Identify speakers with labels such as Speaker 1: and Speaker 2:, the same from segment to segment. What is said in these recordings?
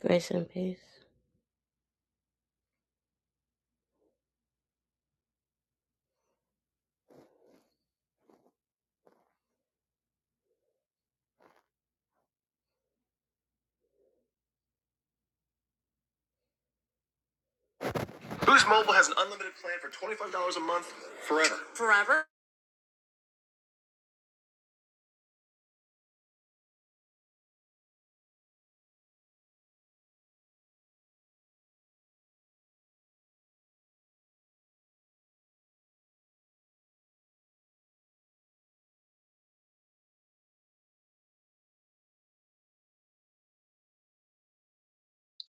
Speaker 1: Grace and peace. Boost Mobile has an unlimited plan for $25 a month forever. Forever?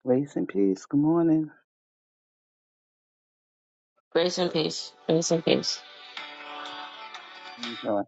Speaker 2: Grace and peace. Good morning.
Speaker 1: Grace and peace. Grace and peace.
Speaker 2: How you doing?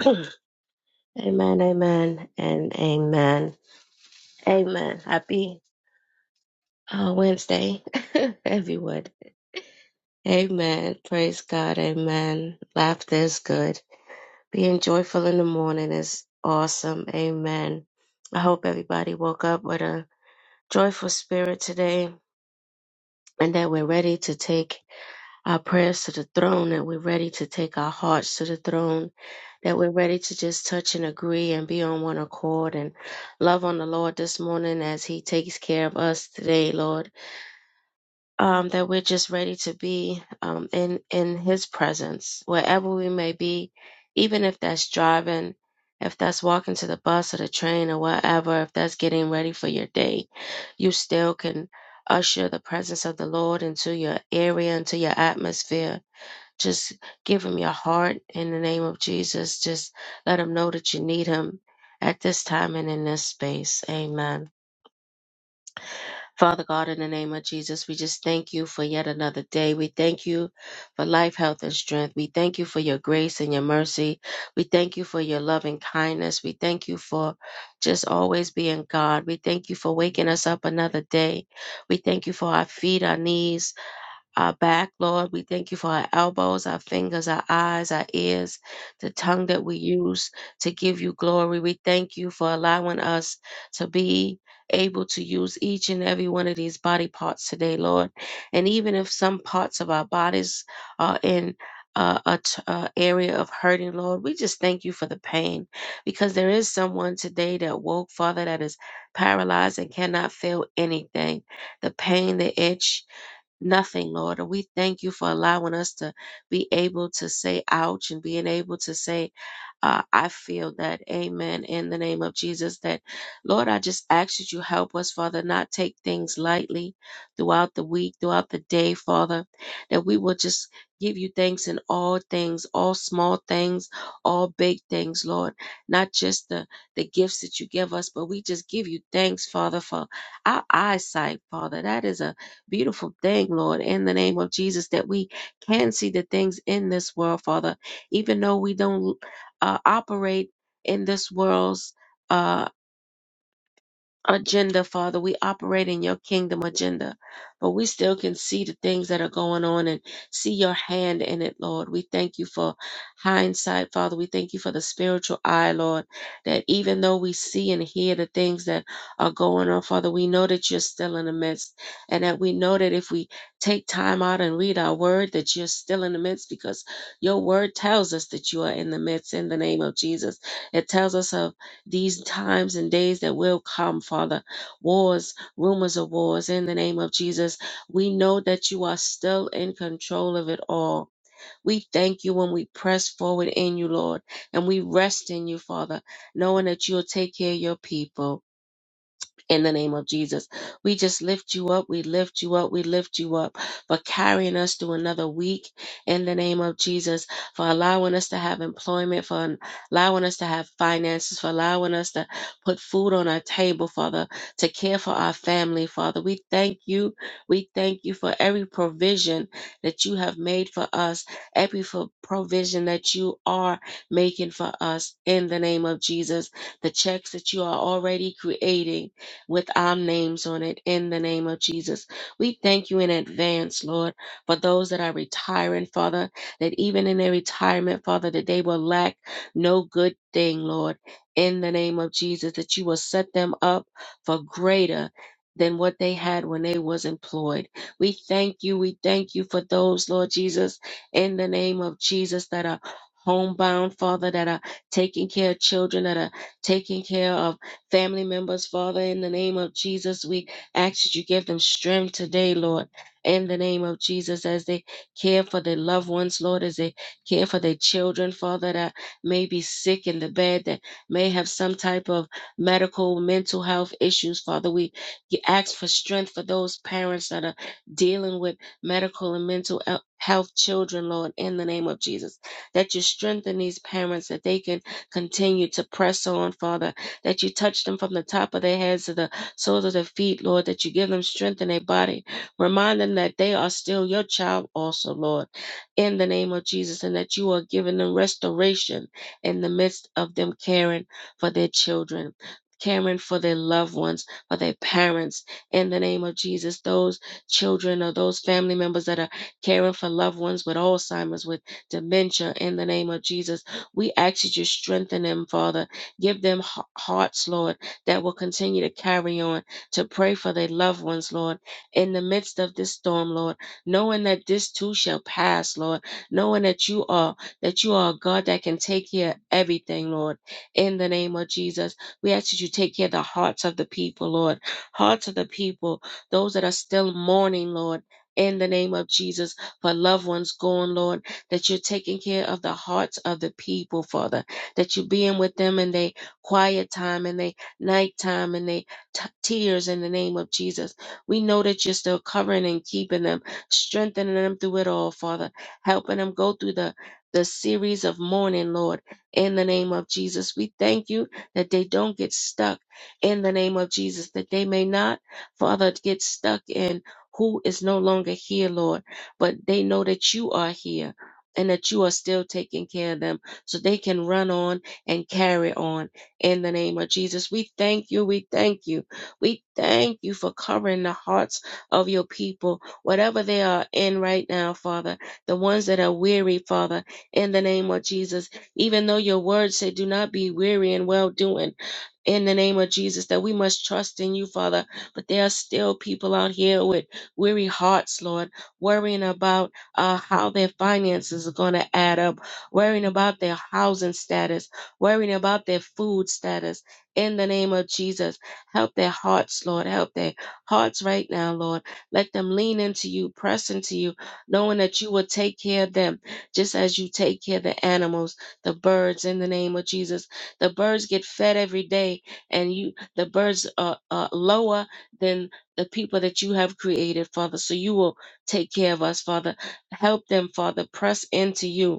Speaker 1: amen, amen, and amen. Amen. Happy uh, Wednesday, everyone. Amen. Praise God. Amen. Laughter is good. Being joyful in the morning is awesome. Amen. I hope everybody woke up with a joyful spirit today and that we're ready to take. our prayers to the throne, that we're ready to take our hearts to the throne, that we're ready to just touch and agree and be on one accord and love on the Lord this morning as He takes care of us today, Lord. Um, that we're just ready to be um, in in His presence wherever we may be, even if that's driving, if that's walking to the bus or the train or whatever, if that's getting ready for your day, you still can usher the presence of the Lord into your area, into your atmosphere just give him your heart in the name of Jesus. Just let him know that you need him at this time and in this space. Amen. Father God, in the name of Jesus, we just thank you for yet another day. We thank you for life, health, and strength. We thank you for your grace and your mercy. We thank you for your loving kindness. We thank you for just always being God. We thank you for waking us up another day. We thank you for our feet, our knees our back, Lord. We thank you for our elbows, our fingers, our eyes, our ears, the tongue that we use to give you glory. We thank you for allowing us to be able to use each and every one of these body parts today, Lord. And even if some parts of our bodies are in uh, a t- uh, area of hurting, Lord, we just thank you for the pain because there is someone today that woke, Father, that is paralyzed and cannot feel anything. The pain, the itch, nothing, Lord. And we thank you for allowing us to be able to say ouch and being able to say uh, I feel that, amen, in the name of Jesus, that, Lord, I just ask that you help us, Father, not take things lightly throughout the week, throughout the day, Father, that we will just give you thanks in all things, all small things, all big things, Lord, not just the, the gifts that you give us, but we just give you thanks, Father, for our eyesight, Father. That is a beautiful thing, Lord, in the name of Jesus, that we can see the things in this world, Father, even though we don't uh, operate in this world's uh, agenda, Father. We operate in your kingdom agenda, but we still can see the things that are going on and see your hand in it, Lord. We thank you for hindsight, Father. We thank you for the spiritual eye, Lord, that even though we see and hear the things that are going on, Father, we know that you're still in the midst and that we know that if we take time out and read our word, that you're still in the midst because your word tells us that you are in the midst in the name of Jesus. It tells us of these times and days that will come, Father. Wars, rumors of wars, in the name of Jesus. We know that you are still in control of it all. We thank you when we press forward in you, Lord, and we rest in you, Father, knowing that you'll take care of your people in the name of Jesus. We just lift you up. We lift you up. We lift you up for carrying us through another week in the name of Jesus, for allowing us to have employment, for allowing us to have finances, for allowing us to put food on our table, Father, to care for our family, Father. We thank you. We thank you for every provision that you have made for us, every for provision that you are making for us in the name of Jesus. The checks that you are already creating with our names on it in the name of Jesus. We thank you in advance, Lord, for those that are retiring, Father, that even in their retirement, Father, that they will lack no good thing, Lord, in the name of Jesus, that you will set them up for greater than what they had when they was employed. We thank you. We thank you for those, Lord Jesus, in the name of Jesus that are homebound, Father, that are taking care of children, that are taking care of family members, Father, in the name of Jesus. We ask that you give them strength today, Lord, in the name of Jesus, as they care for their loved ones, Lord, as they care for their children, Father, that may be sick in the bed, that may have some type of medical, mental health issues, Father. We g- ask for strength for those parents that are dealing with medical and mental el- health children, Lord, in the name of Jesus. That you strengthen these parents that they can continue to press on, Father, that you touch them from the top of their heads to the soles of their feet, Lord, that you give them strength in their body. Remind them that they are still your child, also, Lord, in the name of Jesus, and that you are giving them restoration in the midst of them caring for their children. Caring for their loved ones, for their parents, in the name of Jesus, those children or those family members that are caring for loved ones with Alzheimer's, with dementia, in the name of Jesus, we ask that you strengthen them, Father, Give them h- hearts, Lord, that will continue to carry on to pray for their loved ones, Lord, in the midst of this storm, Lord, knowing that this too shall pass, Lord, knowing that you are that you are a God that can take care of everything, Lord. In the name of Jesus, we ask that you take care of the hearts of the people, Lord, hearts of the people, those that are still mourning, Lord. In the name of Jesus, for loved ones gone, Lord, that you're taking care of the hearts of the people, Father that you being with them in their quiet time and their nighttime and their t- tears in the name of Jesus. We know that you're still covering and keeping them, strengthening them through it all, Father, helping them go through the the series of mourning, Lord, in the name of Jesus. We thank you that they don't get stuck in the name of Jesus, that they may not, Father, get stuck in who is no longer here, Lord, but they know that you are here and that you are still taking care of them so they can run on and carry on in the name of Jesus. We thank you. We thank you. We thank you for covering the hearts of your people, whatever they are in right now, Father, the ones that are weary, Father, in the name of Jesus. Even though your word said, do not be weary in well doing. In the name of Jesus, that we must trust in you, Father. But there are still people out here with weary hearts, Lord, worrying about uh, how their finances are going to add up worrying about their housing status, worrying about their food status. In the name of Jesus, help their hearts, Lord. Help their hearts right now, Lord. Let them lean into you, press into you, knowing that you will take care of them just as you take care of the animals, the birds, in the name of Jesus. The birds get fed every day, and you the birds are, are lower than the people that you have created, Father. So you will take care of us, Father. Help them, Father. Press into you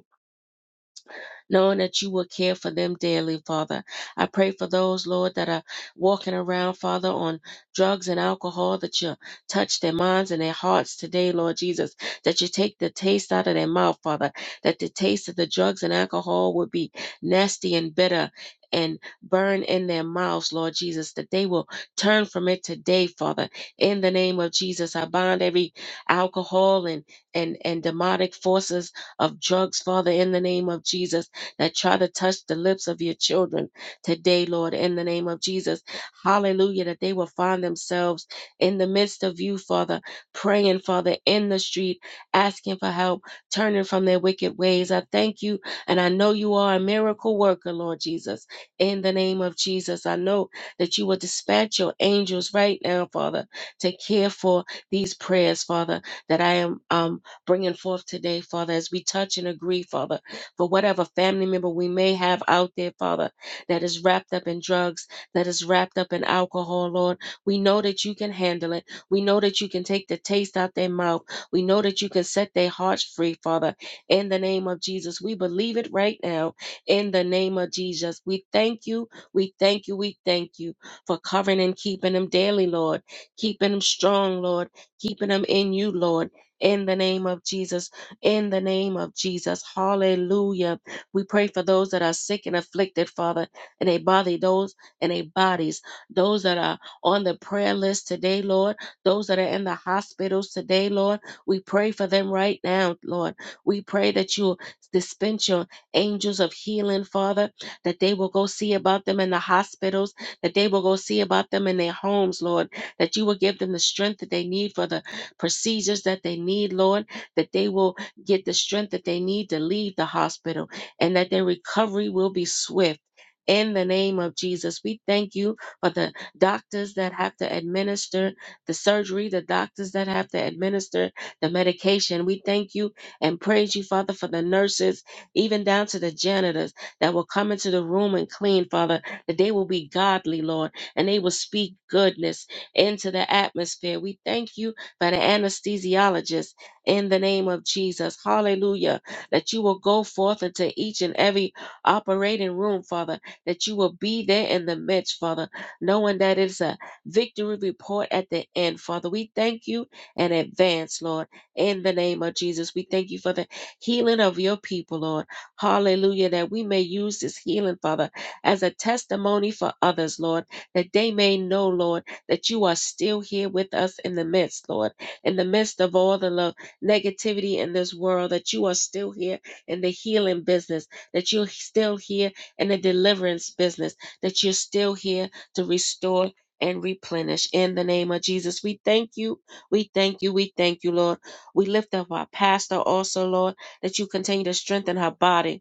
Speaker 1: knowing that you will care for them daily, Father. I pray for those, Lord, that are walking around, Father, on drugs and alcohol, that you touch their minds and their hearts today, Lord Jesus, that you take the taste out of their mouth, Father, that the taste of the drugs and alcohol would be nasty and bitter. And burn in their mouths, Lord Jesus, that they will turn from it today, Father. In the name of Jesus, I bind every alcohol and and and demonic forces of drugs, Father. In the name of Jesus, that try to touch the lips of your children today, Lord, in the name of Jesus. Hallelujah, that they will find themselves in the midst of you, Father, praying, Father, in the street, asking for help, turning from their wicked ways. I thank you, and I know you are a miracle worker, Lord Jesus. In the name of Jesus, I know that you will dispatch your angels right now, Father, to care for these prayers, Father, that I am um, bringing forth today, Father, as we touch and agree, Father for whatever family member we may have out there, Father, that is wrapped up in drugs, that is wrapped up in alcohol, Lord. We know that you can handle it. We know that you can take the taste out their mouth. We know that you can set their hearts free, Father. In the name of Jesus, we believe it right now. In the name of Jesus, we thank you. We thank you. We thank you for covering and keeping them daily, Lord. Keeping them strong, Lord. Keeping them in you, Lord. In the name of Jesus in the name of Jesus. Hallelujah. We pray for those that are sick and afflicted, Father, in a body, those in a bodies, those that are on the prayer list today, Lord, those that are in the hospitals today, Lord. We pray for them right now, Lord. We pray that you dispense your angels of healing, Father, that they will go see about them in the hospitals, that they will go see about them in their homes, Lord, that you will give them the strength that they need for the procedures that they need, Lord, that they will get the strength that they need to leave the hospital and that their recovery will be swift. In the name of Jesus, we thank you for the doctors that have to administer the surgery, the doctors that have to administer the medication. We thank you and praise you, Father, for the nurses, even down to the janitors that will come into the room and clean, Father, that they will be godly, Lord, and they will speak goodness into the atmosphere. We thank you for the anesthesiologists in the name of Jesus. Hallelujah. That you will go forth into each and every operating room, Father, that you will be there in the midst, Father, knowing that it's a victory report at the end, Father. We thank you in advance, Lord, in the name of Jesus. We thank you for the healing of your people, Lord. Hallelujah. That we may use this healing, Father, as a testimony for others, Lord, that they may know, Lord, that you are still here with us in the midst, Lord, in the midst of all the love negativity in this world, that you are still here in the healing business, that you're still here in the deliverance business, that you're still here to restore and replenish in the name of Jesus. We thank you. We thank you. We thank you, Lord. We lift up our pastor also, Lord, that you continue to strengthen her body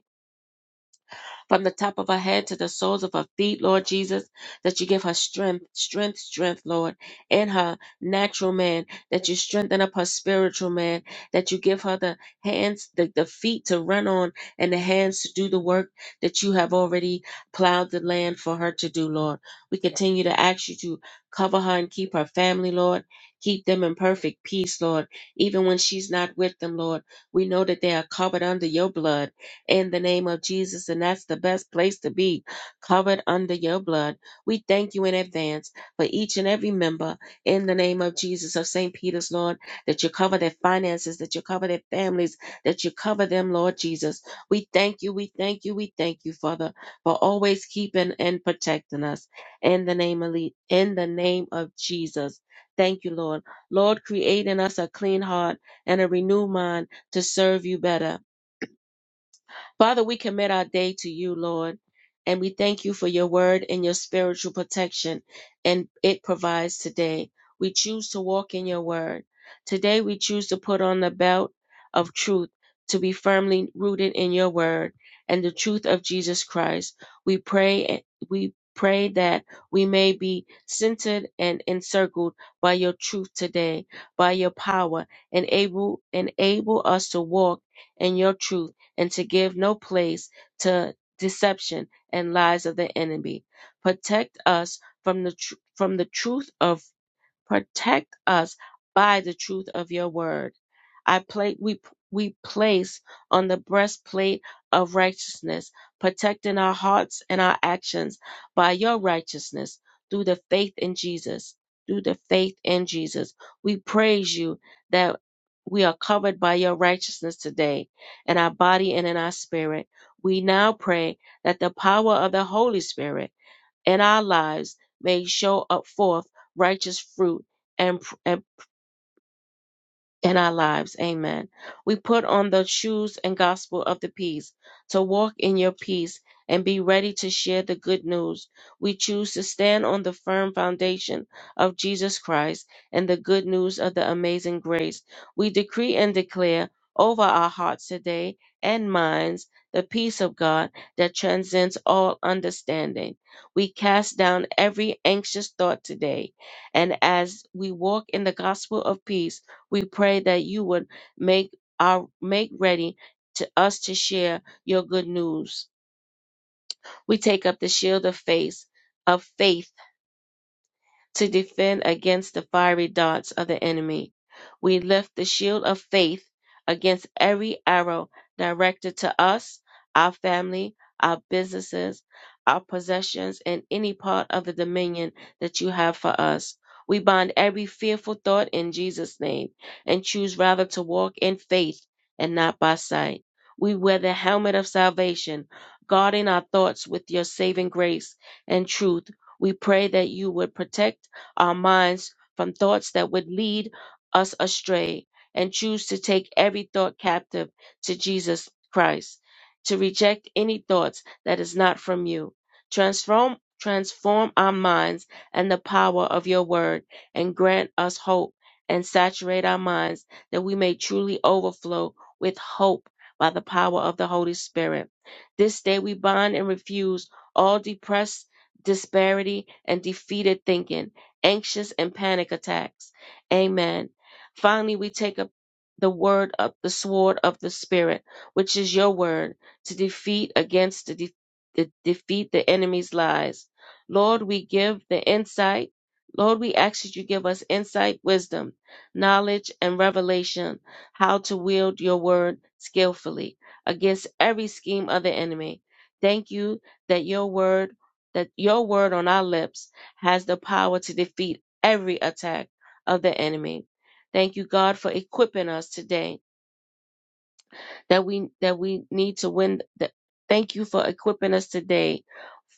Speaker 1: from the top of her head to the soles of her feet, Lord Jesus, that you give her strength, strength, strength, Lord, in her natural man, that you strengthen up her spiritual man, that you give her the hands, the, the feet to run on and the hands to do the work that you have already plowed the land for her to do, Lord. We continue to ask you to cover her and keep her family, Lord. Keep them in perfect peace, Lord. Even when she's not with them, Lord, we know that they are covered under your blood in the name of Jesus. And that's the best place to be covered under your blood. We thank you in advance for each and every member in the name of Jesus of St. Peter's, Lord, that you cover their finances, that you cover their families, that you cover them, Lord Jesus. We thank you, we thank you, we thank you, Father, for always keeping and protecting us in the name of Le- in the name of Jesus. Thank you, Lord. Lord, create in us a clean heart and a renewed mind to serve you better. Father, we commit our day to you, Lord, and we thank you for your word and your spiritual protection, and it provides today. We choose to walk in your word. Today, we choose to put on the belt of truth to be firmly rooted in your word and the truth of Jesus Christ. We pray, we pray that we may be centered and encircled by your truth today, by your power, and able, enable us to walk in your truth and to give no place to deception and lies of the enemy. Protect us from the tr- from the truth of Protect us by the truth of your word. I pla- we, we place on the breastplate of righteousness, protecting our hearts and our actions by your righteousness through the faith in Jesus. Through the faith in Jesus. We praise you that we are covered by your righteousness today in our body and in our spirit. We now pray that the power of the Holy Spirit in our lives may show up forth righteous fruit and, and in our lives. Amen. We put on the shoes and gospel of the peace to walk in your peace and be ready to share the good news. We choose to stand on the firm foundation of Jesus Christ and the good news of the amazing grace. We decree and declare over our hearts today and minds the peace of God that transcends all understanding. We cast down every anxious thought today. And as we walk in the gospel of peace, we pray that you would make our make ready to us to share your good news. We take up the shield of faith, of faith to defend against the fiery darts of the enemy. We lift the shield of faith against every arrow directed to us, our family, our businesses, our possessions, and any part of the dominion that you have for us. We bind every fearful thought in Jesus' name and choose rather to walk in faith and not by sight. We wear the helmet of salvation, guarding our thoughts with your saving grace and truth we pray that you would protect our minds from thoughts that would lead us astray and choose to take every thought captive to Jesus Christ, to reject any thoughts that is not from you. Transform transform our minds and the power of your word and grant us hope and saturate our minds that we may truly overflow with hope by the power of the Holy Spirit. This day we bind and refuse all depressed disparity, and defeated thinking, anxious and panic attacks. Amen. Finally, we take up the word of the sword of the spirit, which is your word, to defeat against the, de- the defeat the enemy's lies. Lord, we give the insight. Lord, we ask that you give us insight, wisdom, knowledge, and revelation how to wield your word skillfully against every scheme of the enemy. Thank you that your word that your word on our lips has the power to defeat every attack of the enemy. Thank you, God, for equipping us today that we that we need to win. The, thank you for equipping us today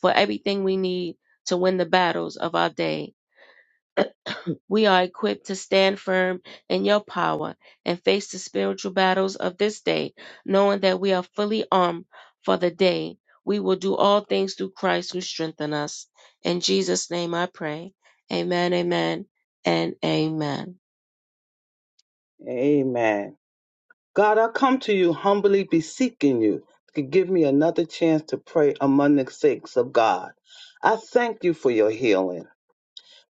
Speaker 1: for everything we need to win the battles of our day. We are equipped to stand firm in your power and face the spiritual battles of this day, knowing that we are fully armed for the day. We will do all things through Christ who strengthens us. In Jesus' name I pray. Amen, amen, and amen.
Speaker 2: Amen. God, I come to you humbly beseeching you to give me another chance to pray among the saints of God. I thank you for your healing.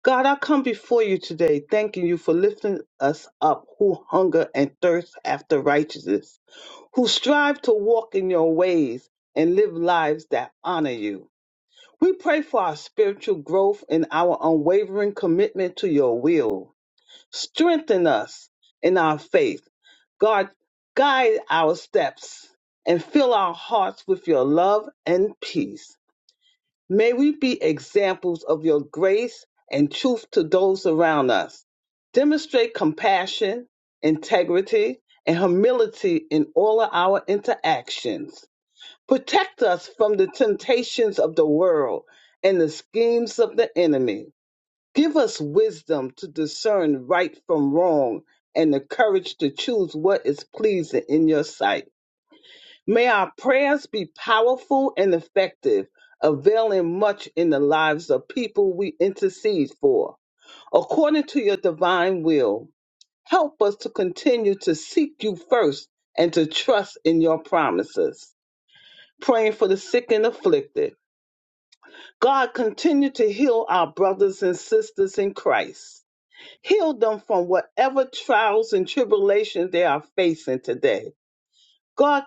Speaker 2: God, I come before you today thanking you for lifting us up who hunger and thirst after righteousness, who strive to walk in your ways and live lives that honor you. We pray for our spiritual growth and our unwavering commitment to your will. Strengthen us in our faith. God, guide our steps and fill our hearts with your love and peace. May we be examples of your grace and truth to those around us. Demonstrate compassion, integrity, and humility in all of our interactions. Protect us from the temptations of the world and the schemes of the enemy. Give us wisdom to discern right from wrong and the courage to choose what is pleasing in your sight. May our prayers be powerful and effective, availing much in the lives of people we intercede for. According to your divine will, help us to continue to seek you first and to trust in your promises. Praying for the sick and afflicted. God, continue to heal our brothers and sisters in Christ Heal them from whatever trials and tribulations they are facing today. God,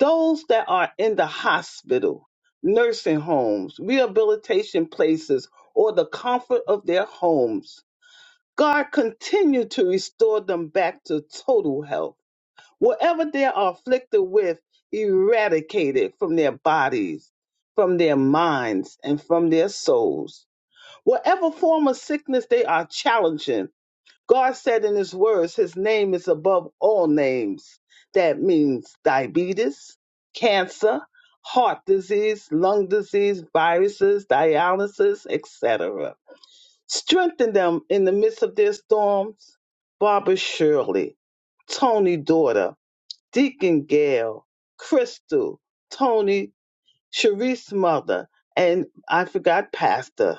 Speaker 2: those that are in the hospital, nursing homes, rehabilitation places, or the comfort of their homes, God, continue to restore them back to total health. Whatever they are afflicted with, eradicate it from their bodies, from their minds, and from their souls. Whatever form of sickness they are challenging, God said in his words, his name is above all names. That means diabetes, cancer, heart disease, lung disease, viruses, dialysis, etc. Strengthen them in the midst of their storms. Barbara Shirley, Tony Daughter, Deacon Gail, Crystal, Tony, Sharice's mother, and I forgot Pastor.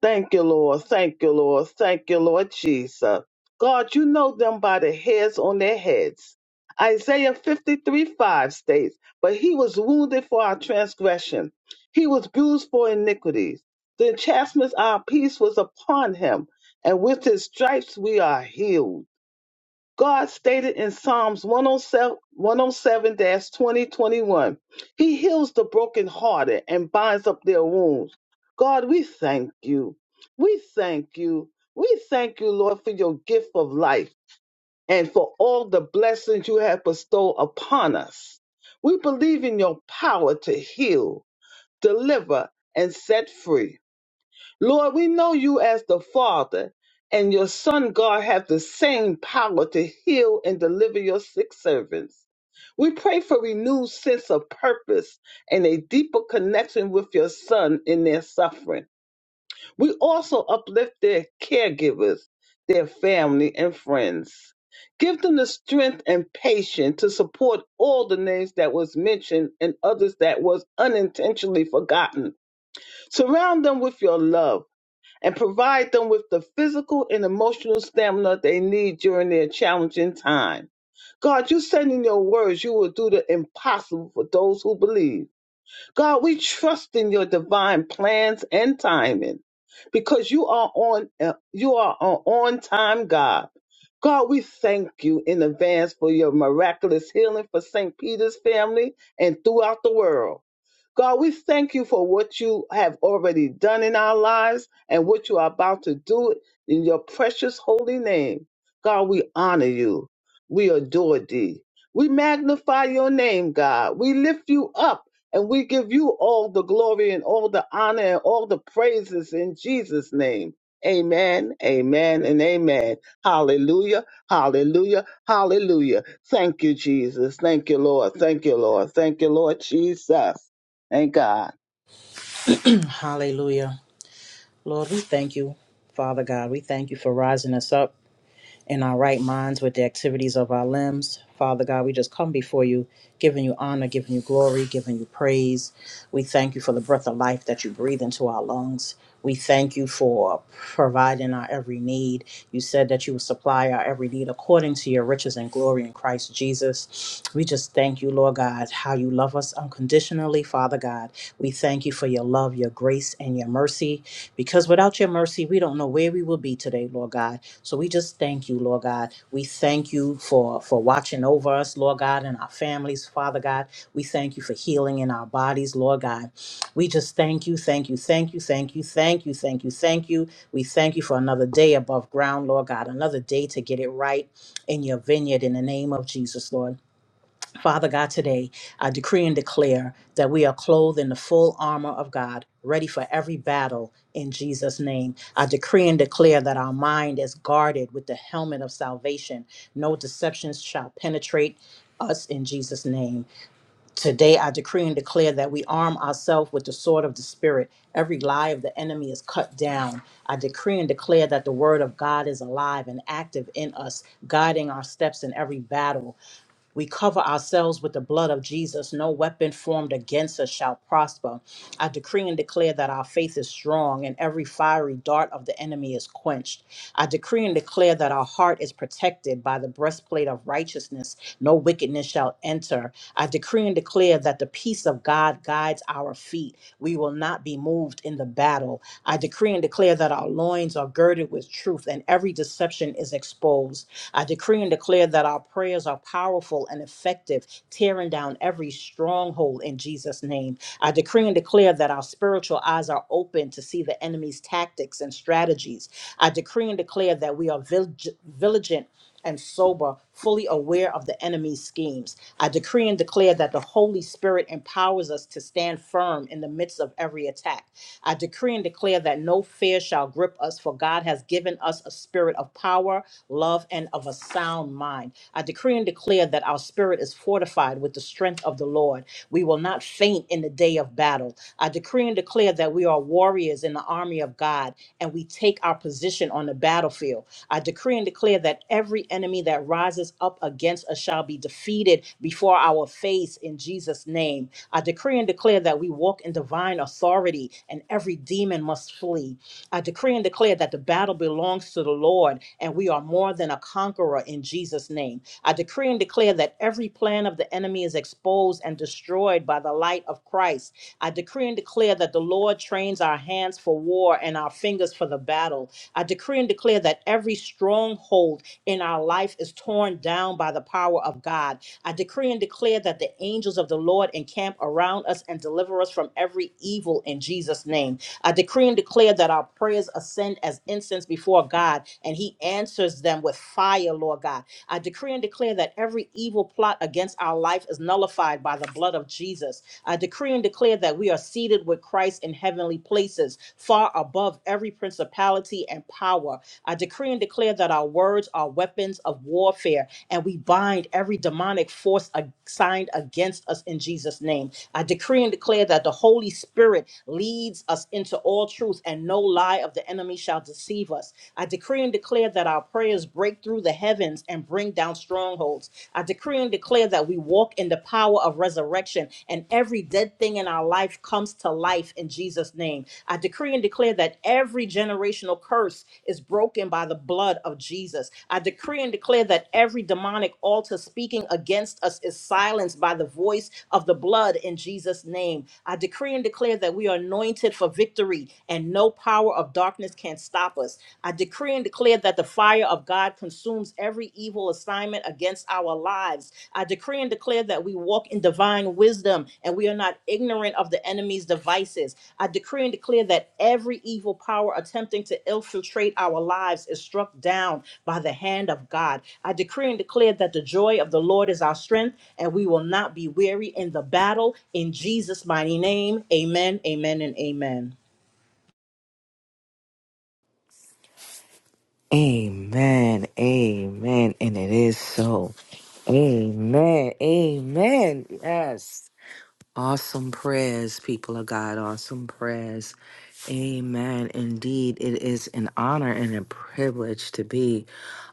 Speaker 2: Thank you, Lord. Thank you, Lord. Thank you, Lord Jesus. God, you know them by the hairs on their heads. Isaiah 53 5 states, But he was wounded for our transgression, he was bruised for iniquities. The chastisement of our peace was upon him, and with his stripes we are healed. God stated in Psalms 107 2021, He heals the brokenhearted and binds up their wounds. God, we thank you. We thank you. We thank you, Lord, for your gift of life and for all the blessings you have bestowed upon us. We believe in your power to heal, deliver, and set free. Lord, we know you as the Father, and your Son, God, have the same power to heal and deliver your sick servants. We pray for renewed sense of purpose and a deeper connection with your son in their suffering. We also uplift their caregivers, their family, and friends. Give them the strength and patience to support all the names that was mentioned and others that was unintentionally forgotten. Surround them with your love and provide them with the physical and emotional stamina they need during their challenging time. God, you said in your words you will do the impossible for those who believe. God, we trust in your divine plans and timing because you are on uh, you are an on time God. God, we thank you in advance for your miraculous healing for St. Peter's family and throughout the world. God, we thank you for what you have already done in our lives and what you are about to do in your precious holy name. God, we honor you. We adore thee. We magnify your name, God. We lift you up and we give you all the glory and all the honor and all the praises in Jesus' name. Amen, amen, and amen. Hallelujah, hallelujah, hallelujah. Thank you, Jesus. Thank you, Lord. Thank you, Lord. Thank you, Lord Jesus. Thank God.
Speaker 3: Hallelujah. Lord, we thank you, Father God. We thank you for rising us up in our right minds with the activities of our limbs. Father God, we just come before you, giving you honor, giving you glory, giving you praise. We thank you for the breath of life that you breathe into our lungs. We thank you for providing our every need. You said that you will supply our every need according to your riches and glory in Christ Jesus. We just thank you, Lord God, how you love us unconditionally, Father God. We thank you for your love, your grace, and your mercy because without your mercy, we don't know where we will be today, Lord God. So we just thank you, Lord God. We thank you for for watching over us, Lord God, and our families, Father God. We thank you for healing in our bodies, Lord God. We just thank you, thank you, thank you, thank you, thank you, thank you, thank you. We thank you for another day above ground, Lord God, another day to get it right in your vineyard in the name of Jesus, Lord. Father God, today I decree and declare that we are clothed in the full armor of God, ready for every battle in Jesus' name. I decree and declare that our mind is guarded with the helmet of salvation. No deceptions shall penetrate us in Jesus' name. Today I decree and declare that we arm ourselves with the sword of the Spirit. Every lie of the enemy is cut down. I decree and declare that the word of God is alive and active in us, guiding our steps in every battle. We cover ourselves with the blood of Jesus. No weapon formed against us shall prosper. I decree and declare that our faith is strong and every fiery dart of the enemy is quenched. I decree and declare that our heart is protected by the breastplate of righteousness. No wickedness shall enter. I decree and declare that the peace of God guides our feet we will not be moved in the battle. I decree and declare that our loins are girded with truth and every deception is exposed. I decree and declare that our prayers are powerful and effective, tearing down every stronghold in Jesus' name. I decree and declare that our spiritual eyes are open to see the enemy's tactics and strategies. I decree and declare that we are vig- vigilant and sober fully aware of the enemy's schemes. I decree and declare that the Holy Spirit empowers us to stand firm in the midst of every attack I decree and declare that no fear shall grip us, for God has given us a spirit of power, love, and of a sound mind. I decree and declare that our spirit is fortified with the strength of the Lord. We will not faint in the day of battle. I decree and declare that we are warriors in the army of God and we take our position on the battlefield. I decree and declare that every enemy that rises up against us shall be defeated before our face in Jesus' name. I decree and declare that we walk in divine authority and every demon must flee. I decree and declare that the battle belongs to the Lord and we are more than a conqueror in Jesus' name. I decree and declare that every plan of the enemy is exposed and destroyed by the light of Christ. I decree and declare that the Lord trains our hands for war and our fingers for the battle. I decree and declare that every stronghold in our life is torn down by the power of God. I decree and declare that the angels of the Lord encamp around us and deliver us from every evil in Jesus' name. I decree and declare that our prayers ascend as incense before God and He answers them with fire, Lord God. I decree and declare that every evil plot against our life is nullified by the blood of Jesus. I decree and declare that we are seated with Christ in heavenly places, far above every principality and power. I decree and declare that our words are weapons of warfare, and we bind every demonic force assigned against us in Jesus' name. I decree and declare that the Holy Spirit leads us into all truth, and no lie of the enemy shall deceive us. I decree and declare that our prayers break through the heavens and bring down strongholds lives. I decree and declare that we walk in the power of resurrection and every dead thing in our life comes to life in Jesus' name. I decree and declare that every generational curse is broken by the blood of Jesus. I decree and declare that every demonic altar speaking against us is silenced by the voice of the blood in Jesus' name. I decree and declare that we are anointed for victory and no power of darkness can stop us. I decree and declare declare that the fire of God consumes every evil assignment against our lives. I decree and declare that we walk in divine wisdom and we are not ignorant of the enemy's devices. I decree and declare that every evil power attempting to infiltrate our lives is struck down by the hand of God. I decree and declare that the joy of the Lord is our strength and we will not be weary in the battle. In Jesus' mighty name, amen, amen, and amen.
Speaker 4: Amen. Amen. And it is so. Amen. Amen. Yes. Awesome prayers, people of God. Awesome prayers. Amen. Indeed, it is an honor and a privilege to be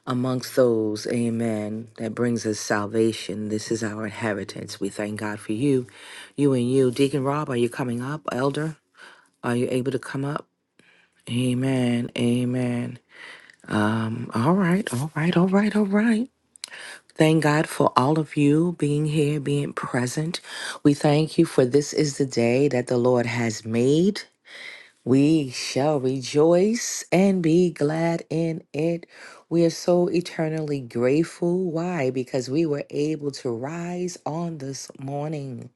Speaker 4: amongst those, amen, that brings us salvation. This is our inheritance. We thank God for you, you and you. Deacon Rob, are you coming up? Elder, are you able to come up? Amen. Amen. Um, all right, all right, all right, all right. Thank God for all of you being here, being present. We thank you for this is the day that the Lord has made. We shall rejoice and be glad in it. We are so eternally grateful. Why? Because we were able to rise on this morning.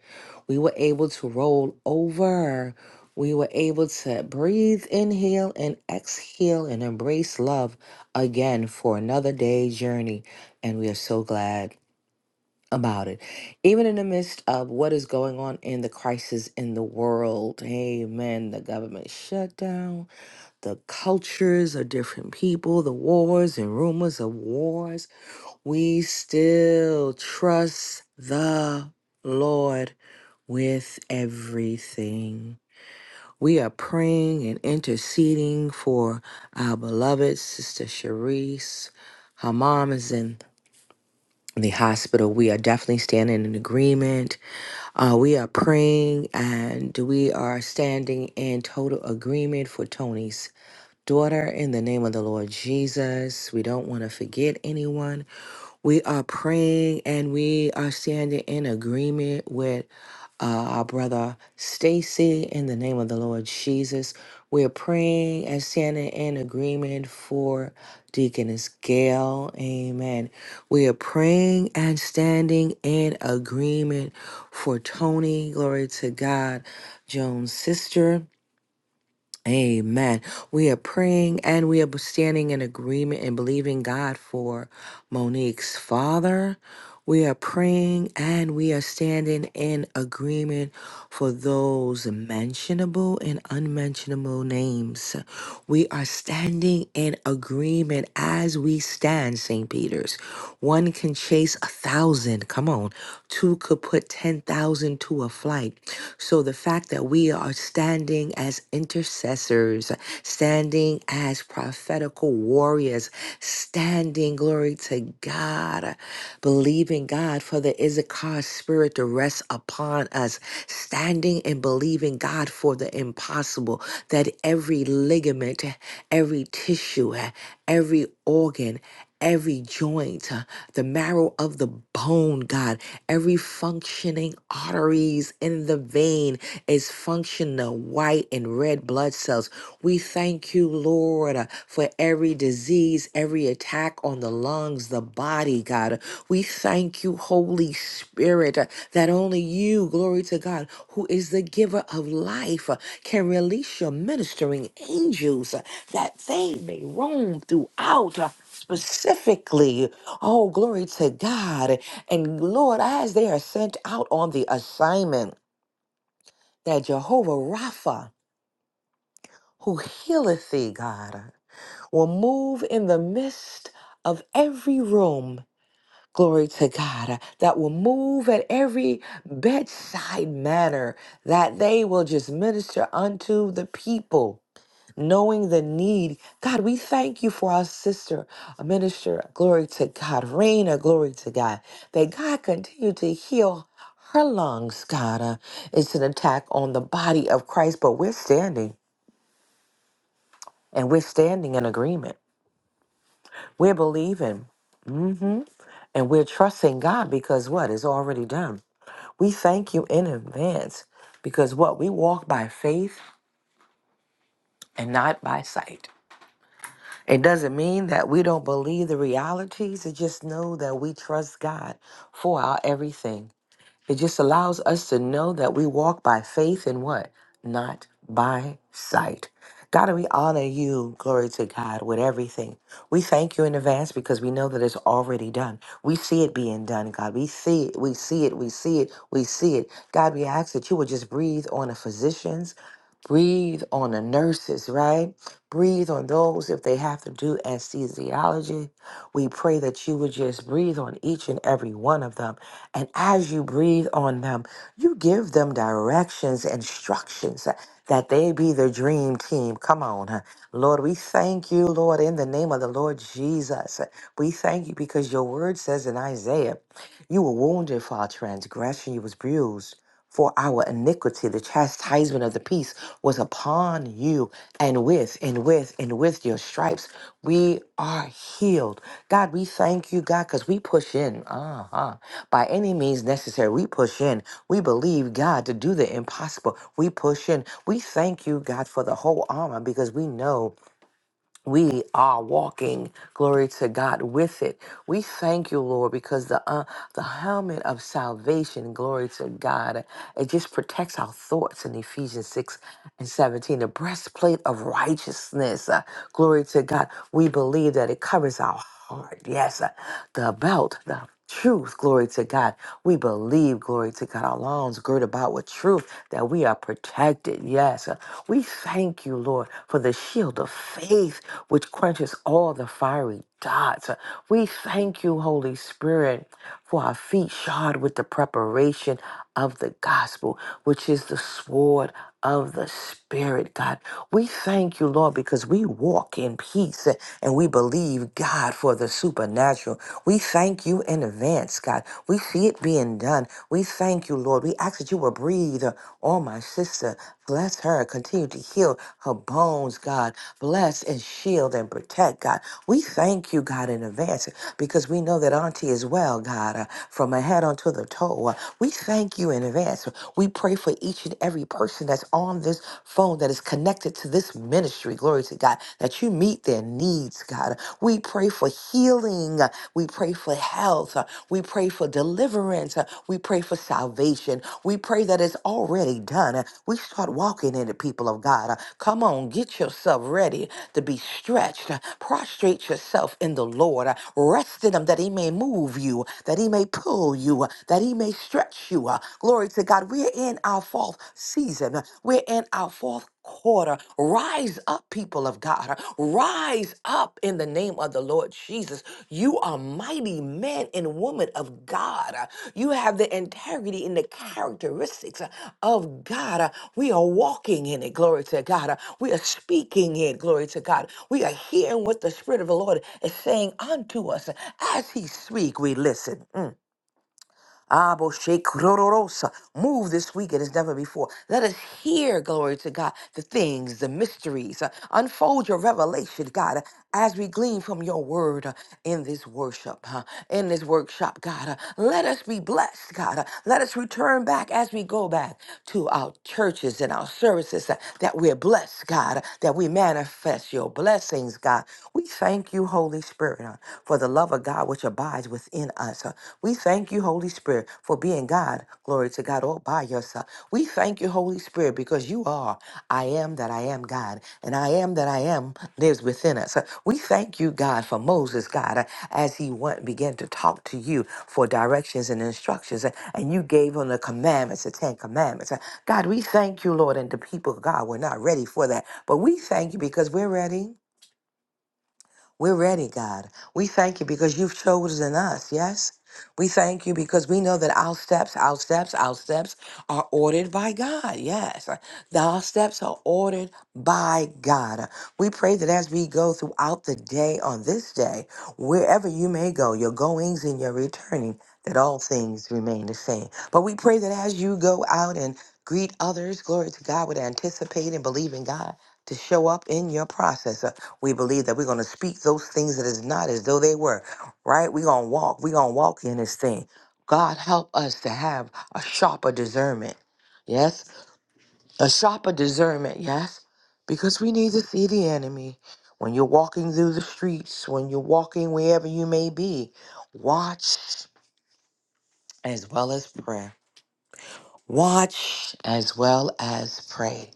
Speaker 4: We were able to roll over. We were able to breathe, inhale, and exhale and embrace love again for another day's journey. And we are so glad about it. Even in the midst of what is going on in the crisis in the world, amen, the government shutdown, the cultures of different people, the wars and rumors of wars, we still trust the Lord with everything. We are praying and interceding for our beloved Sister Cherise. Her mom is in the hospital. We are definitely standing in agreement uh, we are praying and we are standing in total agreement for Tony's daughter in the name of the Lord Jesus. We don't want to forget anyone. We are praying and we are standing in agreement with uh, our brother Stacy in the name of the Lord Jesus. We're praying and standing in agreement for Deaconess Gail. Amen. We are praying and standing in agreement for Tony. Glory to God, Joan's sister. Amen. We are praying and we are standing in agreement and believing God for Monique's father. We are praying and we are standing in agreement for those mentionable and unmentionable names. We are standing in agreement as we stand, St. Peter's. One can chase a thousand, come on. Two could put 10,000 to a flight. So the fact that we are standing as intercessors, standing as prophetical warriors, standing, glory to God believing God for the Issachar spirit to rest upon us, standing and believing God for the impossible, that every ligament, every tissue, every organ, every joint, uh, the marrow of the bone, God, every functioning arteries in the vein is functional, white and red blood cells. We thank you, Lord, uh, for every disease, every attack on the lungs, the body, God. We thank you, Holy Spirit, uh, that only you, glory to God, who is the giver of life, uh, can release your ministering angels uh, that they may roam throughout. uh, Specifically, oh, glory to God. And Lord, as they are sent out on the assignment that Jehovah Rapha, who healeth thee, God, will move in the midst of every room glory to God, uh, that will move at every bedside manner, that they will just minister unto the people, knowing the need. God, we thank you for our sister, uh, minister, glory to God, Raina, glory to God, that God continue to heal. Her lungs, God, uh, it's an attack on the body of Christ, but we're standing and we're standing in agreement. We're believing mhm, and we're trusting God because what is already done. We thank you in advance because what we walk by faith and not by sight. It doesn't mean that we don't believe the realities. It just know that we trust God for our everything. It just allows us to know that we walk by faith and what? Not by sight. God, we honor you, glory to God, with everything. We thank you in advance because we know that it's already done. We see it being done, God. We see it, we see it, we see it, we see it. God, we ask that you would just breathe on the physicians, breathe on the nurses, right? Breathe on those if they have to do anesthesiology, we pray that you would just breathe on each and every one of them. And as you breathe on them, you give them directions, instructions uh, that they be the dream team. Come on. uh. Lord, we thank you, Lord, in the name of the Lord Jesus. We thank you because your word says in Isaiah, you were wounded for our transgression, you was bruised for our iniquity. The chastisement of the peace was upon you, and with, and with, and with your stripes, we are healed. God, we thank you, God, because we push in. Uh-huh. By any means necessary, we push in. We believe, God, to do the impossible. We push in. We thank you, God, for the whole armor because we know we are walking glory to god with it we thank you lord because the uh, the helmet of salvation glory to god it just protects our thoughts in ephesians 6 and 17 the breastplate of righteousness uh, glory to god we believe that it covers our heart yes uh, the belt the Truth, glory to God. We believe, glory to God. Our loins girt about with truth that we are protected. Yes. Uh, We thank you, Lord, for the shield of faith which quenches all the fiery dots. Uh, We thank you, Holy Spirit, for our feet shod with the preparation of the gospel, which is the sword of the Spirit, God. We thank you, Lord, because we walk in peace eh, and we believe, God, for the supernatural. We thank you in advance, God. We see it being done. We thank you, Lord. We ask that you will breathe eh, on my sister. Bless her. Continue to heal her bones, God. Bless and shield and protect, God. We thank you, God, in advance eh, because we know that Auntie is well, God, uh, from her head onto the toe. Lord. We thank you in advance. We pray for each and every person that's on this phone that is connected to this ministry. Glory to God, that you meet their needs, God. We pray for healing. We pray for health. We pray for deliverance. We pray for salvation. We pray that it's already done. We start walking in the people of God. Come on, get yourself ready to be stretched. Prostrate yourself in the Lord. Rest in Him that He may move you, that He may pull you, you, uh, that He may stretch you. uh, Glory to God. We're in our fourth season, uh, we're in our fourth quarter. Rise up, people of God. Rise up in the name of the Lord Jesus. You are mighty men and women of God. You have the integrity and the characteristics of God. We are walking in it, glory to God. We are speaking it, glory to God. We are hearing what the Spirit of the Lord is saying unto us. As He speak, we listen. Mm. Abo shake Move this weekend as never before. Let us hear, glory to God, the things, the mysteries. Uh, Unfold your revelation, God, uh, as we glean from your word uh, in this worship, uh, in this workshop, God. Uh, Let us be blessed, God. Uh, Let us return back as we go back to our churches and our services uh, that we're blessed, God, uh, that we manifest your blessings, God. We thank you, Holy Spirit, uh, for the love of God which abides within us. Uh, we thank you, Holy Spirit, for being God. Glory to God all by yourself. We thank you, Holy Spirit, because you are I am that I am God, and I am that I am lives within us. We thank you, God, for Moses, God, as he went began to talk to you for directions and instructions, and you gave him the commandments, the Ten Commandments. God, we thank you, Lord, and the people, God, we're not ready for that, but we thank you because we're ready. We're ready, God. We thank you because you've chosen us, yes? We thank you because we know that our steps, our steps, our steps are ordered by God. Yes. Our steps are ordered by God. We pray that as we go throughout the day on this day, wherever you may go, your goings and your returning, that all things remain the same. But we pray that as you go out and greet others, glory to God, would anticipate and believe in God to show up in your process. We believe that we're going to speak those things that is not as though they were, right? We're going to walk. We're going to walk in this thing. God, help us to have a sharper discernment. Yes? A sharper discernment. Yes? Because we need to see the enemy. When you're walking through the streets, when you're walking wherever you may be, watch as well as pray. Watch as well as pray.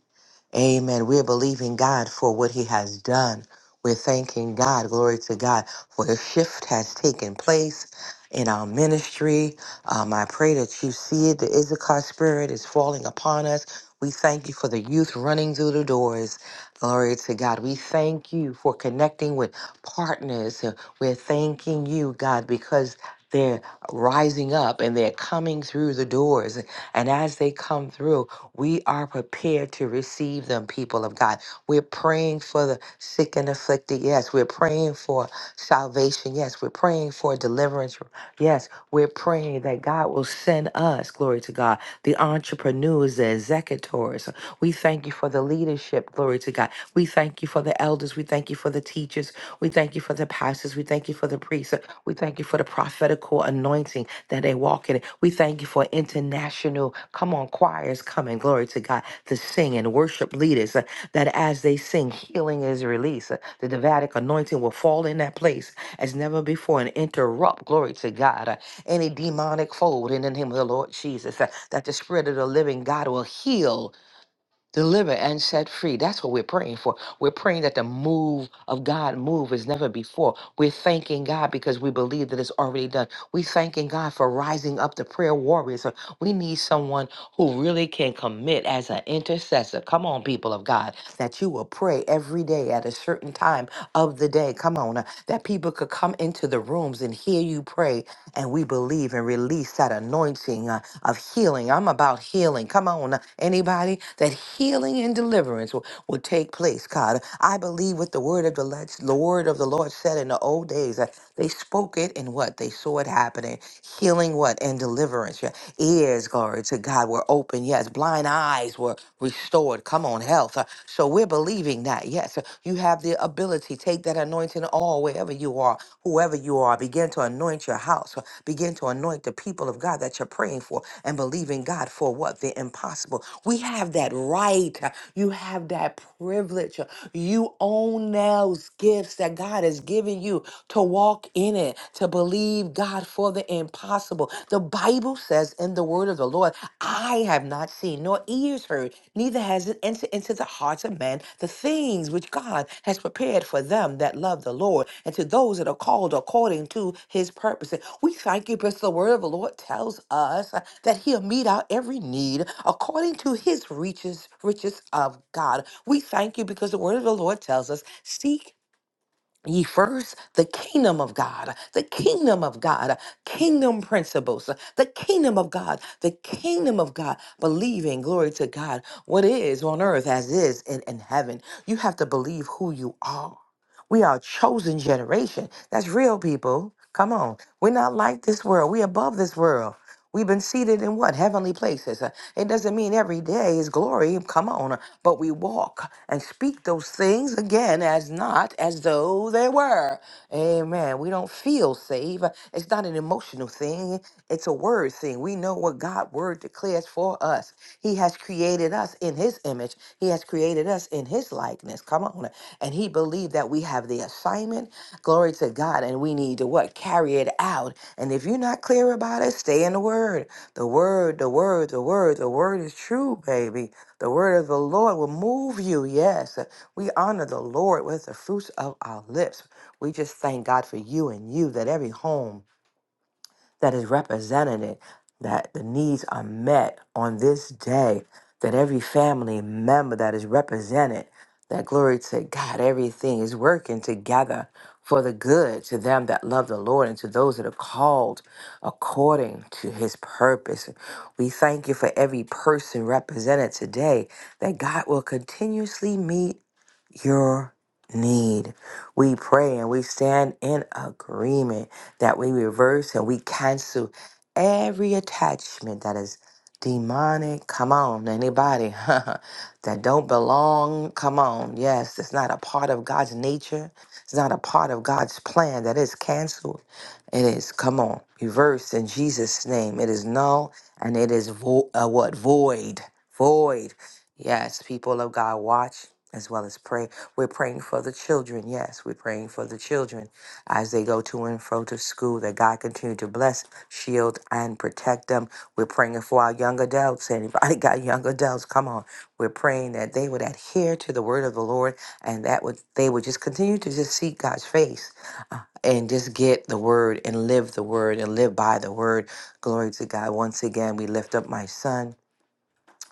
Speaker 4: Amen. We're believing God for what He has done. We're thanking God, glory to God, for the shift has taken place in our ministry. Um, I pray that you see it. The Issachar spirit is falling upon us. We thank you for the youth running through the doors. Glory to God. We thank you for connecting with partners. We're thanking you, God, because they're rising up and they're coming through the doors. And as they come through, we are prepared to receive them, people of God. We're praying for the sick and afflicted. Yes. We're praying for salvation. Yes. We're praying for deliverance. Yes. We're praying that God will send us, glory to God, the entrepreneurs, the executors. We thank you for the leadership, glory to God. We thank you for the elders. We thank you for the teachers. We thank you for the pastors. We thank you for the priests. We thank you for the prophetical anointing that they walk in it. We thank you for international, come on, choirs coming, glory to God, to sing and worship leaders uh, that as they sing, healing is released. uh, the Davidic anointing will fall in that place as never before and interrupt, glory to God, uh, any demonic fold in the name of the Lord Jesus, uh, that the Spirit of the living God will heal deliver and set free. That's what we're praying for. We're praying that the move of God move as never before. We're thanking God because we believe that it's already done. We're thanking God for rising up the prayer warriors. Uh, We need someone who really can commit as an intercessor. Come on, people of God, that you will pray every day at a certain time of the day. Come on, uh, that people could come into the rooms and hear you pray and we believe and release that anointing uh, of healing. I'm about healing. Come on, uh, anybody, that healing and deliverance will, will take place, God. I believe what the word of the, Lord- the word of the Lord said in the old days. uh, they spoke it and what? They saw it happening. Healing what? And deliverance. Your ears, glory to God, were open. Yes, blind eyes were restored. Come on, health. Uh, so we're believing believing that. Yes, you have the ability. Take that anointing all wherever you are, whoever you are. Begin to anoint your house. Begin to anoint the people of God that you're praying for and believing God for what? The impossible. We have that right. You have that privilege. You own those gifts that God has given you to walk in it, to believe God for the impossible, Bible says in the word of the Lord, I have not seen, nor ears heard, neither has it entered into the hearts of men the things which God has prepared for them that love the Lord and to those that are called according to his purpose. And We thank you because the word of the Lord tells us uh, that he'll meet our every need according to his riches, riches of God. We thank you because the word of the Lord tells us, seek ye first the kingdom of God, the kingdom of God, kingdom principles, the kingdom of God, the kingdom of God, believing, glory to God, what is on earth as is in, in heaven. You have to believe who you are. We are a chosen generation. That's real, people. Come on. We're not like this world. We're above this world. We've been seated in what? Heavenly places. Uh, It doesn't mean every day is glory. Come on but we walk and speak those things again as not as though they were. Amen. We don't feel safe. It's not an emotional thing, it's a word thing. We know what God's word declares for us. He has created us in his image, he has created us in his likeness. Come on. And he believed that we have the assignment. Glory to God. And we need to what? Carry it out. And if you're not clear about it, stay in the word. The word, the word, the word, the word is true, baby. The word of the Lord will move you. Yes. We honor the Lord with the fruits of our lips. We just thank God for you and you that every home that is represented, that the needs are met on this day, that every family member that is represented, that glory to God, everything is working together for the good to them that love the Lord and to those that are called according to his purpose. We thank you for every person represented today, that God will continuously meet your need. We pray and we stand in agreement that we reverse and we cancel every attachment that is demonic. Come on, anybody that don't belong. Come on. Yes, it's not a part of God's nature. It's not a part of God's plan. That is canceled. It is. Come on. Reverse in Jesus' name. It is null and it is vo- uh, what? Void. Void. Yes, people of God, watch as well as pray. We're praying for the children. Yes, we're praying for the children as they go to and fro to school, that God continue to bless, shield, and protect them. We're praying for our young adults. Anybody got young adults? Come on. We're praying that they would adhere to the word of the Lord and that would they would just continue to just seek God's face and just get the word and live the word and live by the word. Glory to God. Once again, we lift up my son.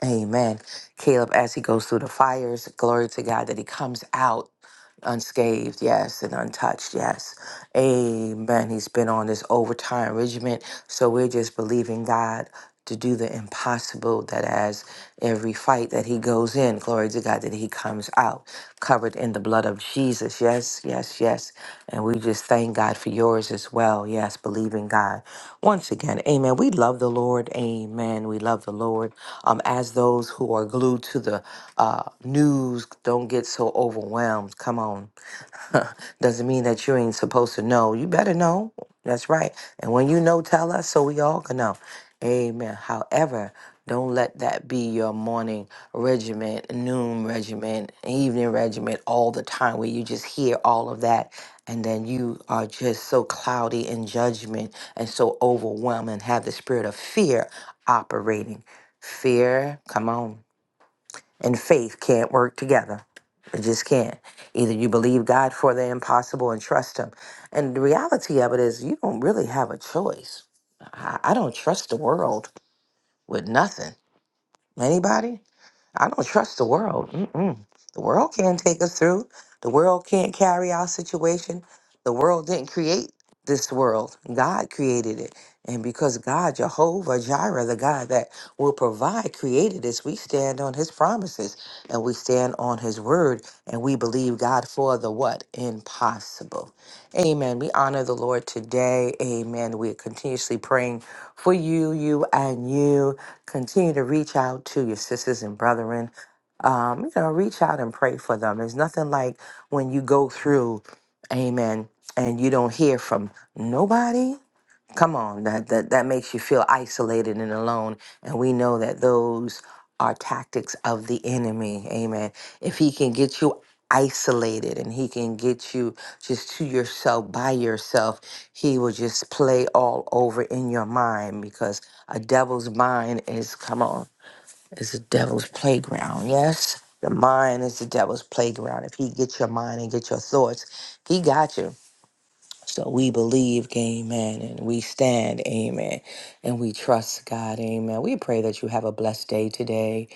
Speaker 4: Amen. Caleb, as he goes through the fires, glory to God that he comes out unscathed, yes, and untouched, yes. Amen. He's been on this overtime regimen. So we're just believing God to do the impossible that as every fight that he goes in, glory to God, that he comes out covered in the blood of Jesus. Yes, yes, yes. And we just thank God for yours as well. Yes, believing God. Once again, amen. We love the Lord. Amen. We love the Lord. Um, as those who are glued to the uh, news, don't get so overwhelmed. Come on. Doesn't mean that you ain't supposed to know. You better know. That's right. And when you know, tell us so we all can know. Amen. However, don't let that be your morning regiment, noon regiment, evening regiment all the time where you just hear all of that and then you are just so cloudy in judgment and so overwhelmed and have the spirit of fear operating. Fear, come on and faith can't work together. It just can't. Either you believe God for the impossible and trust Him. And the reality of it is, you don't really have a choice. I, I don't trust the world with nothing. Anybody? I don't trust the world. Mm-mm. The world can't take us through. The world can't carry our situation. The world didn't create this world. God created it. And because God, Jehovah Jireh, the God that will provide, created us, we stand on his promises and we stand on his word and we believe God for the what? Impossible. Amen. We honor the Lord today. Amen. We're continuously praying for you, you, and you. Continue to reach out to your sisters and brethren. Um, you know, reach out and pray for them. There's nothing like when you go through, amen, and you don't hear from nobody Come on, that, that that makes you feel isolated and alone. And we know that those are tactics of the enemy. Amen. If he can get you isolated and he can get you just to yourself by yourself, he will just play all over in your mind because a devil's mind is come on, is a devil's playground. Yes. The mind is the devil's playground. If he gets your mind and get your thoughts, he got you. So we believe, amen, and we stand, amen, and we trust God, amen. We pray that you have a blessed day today.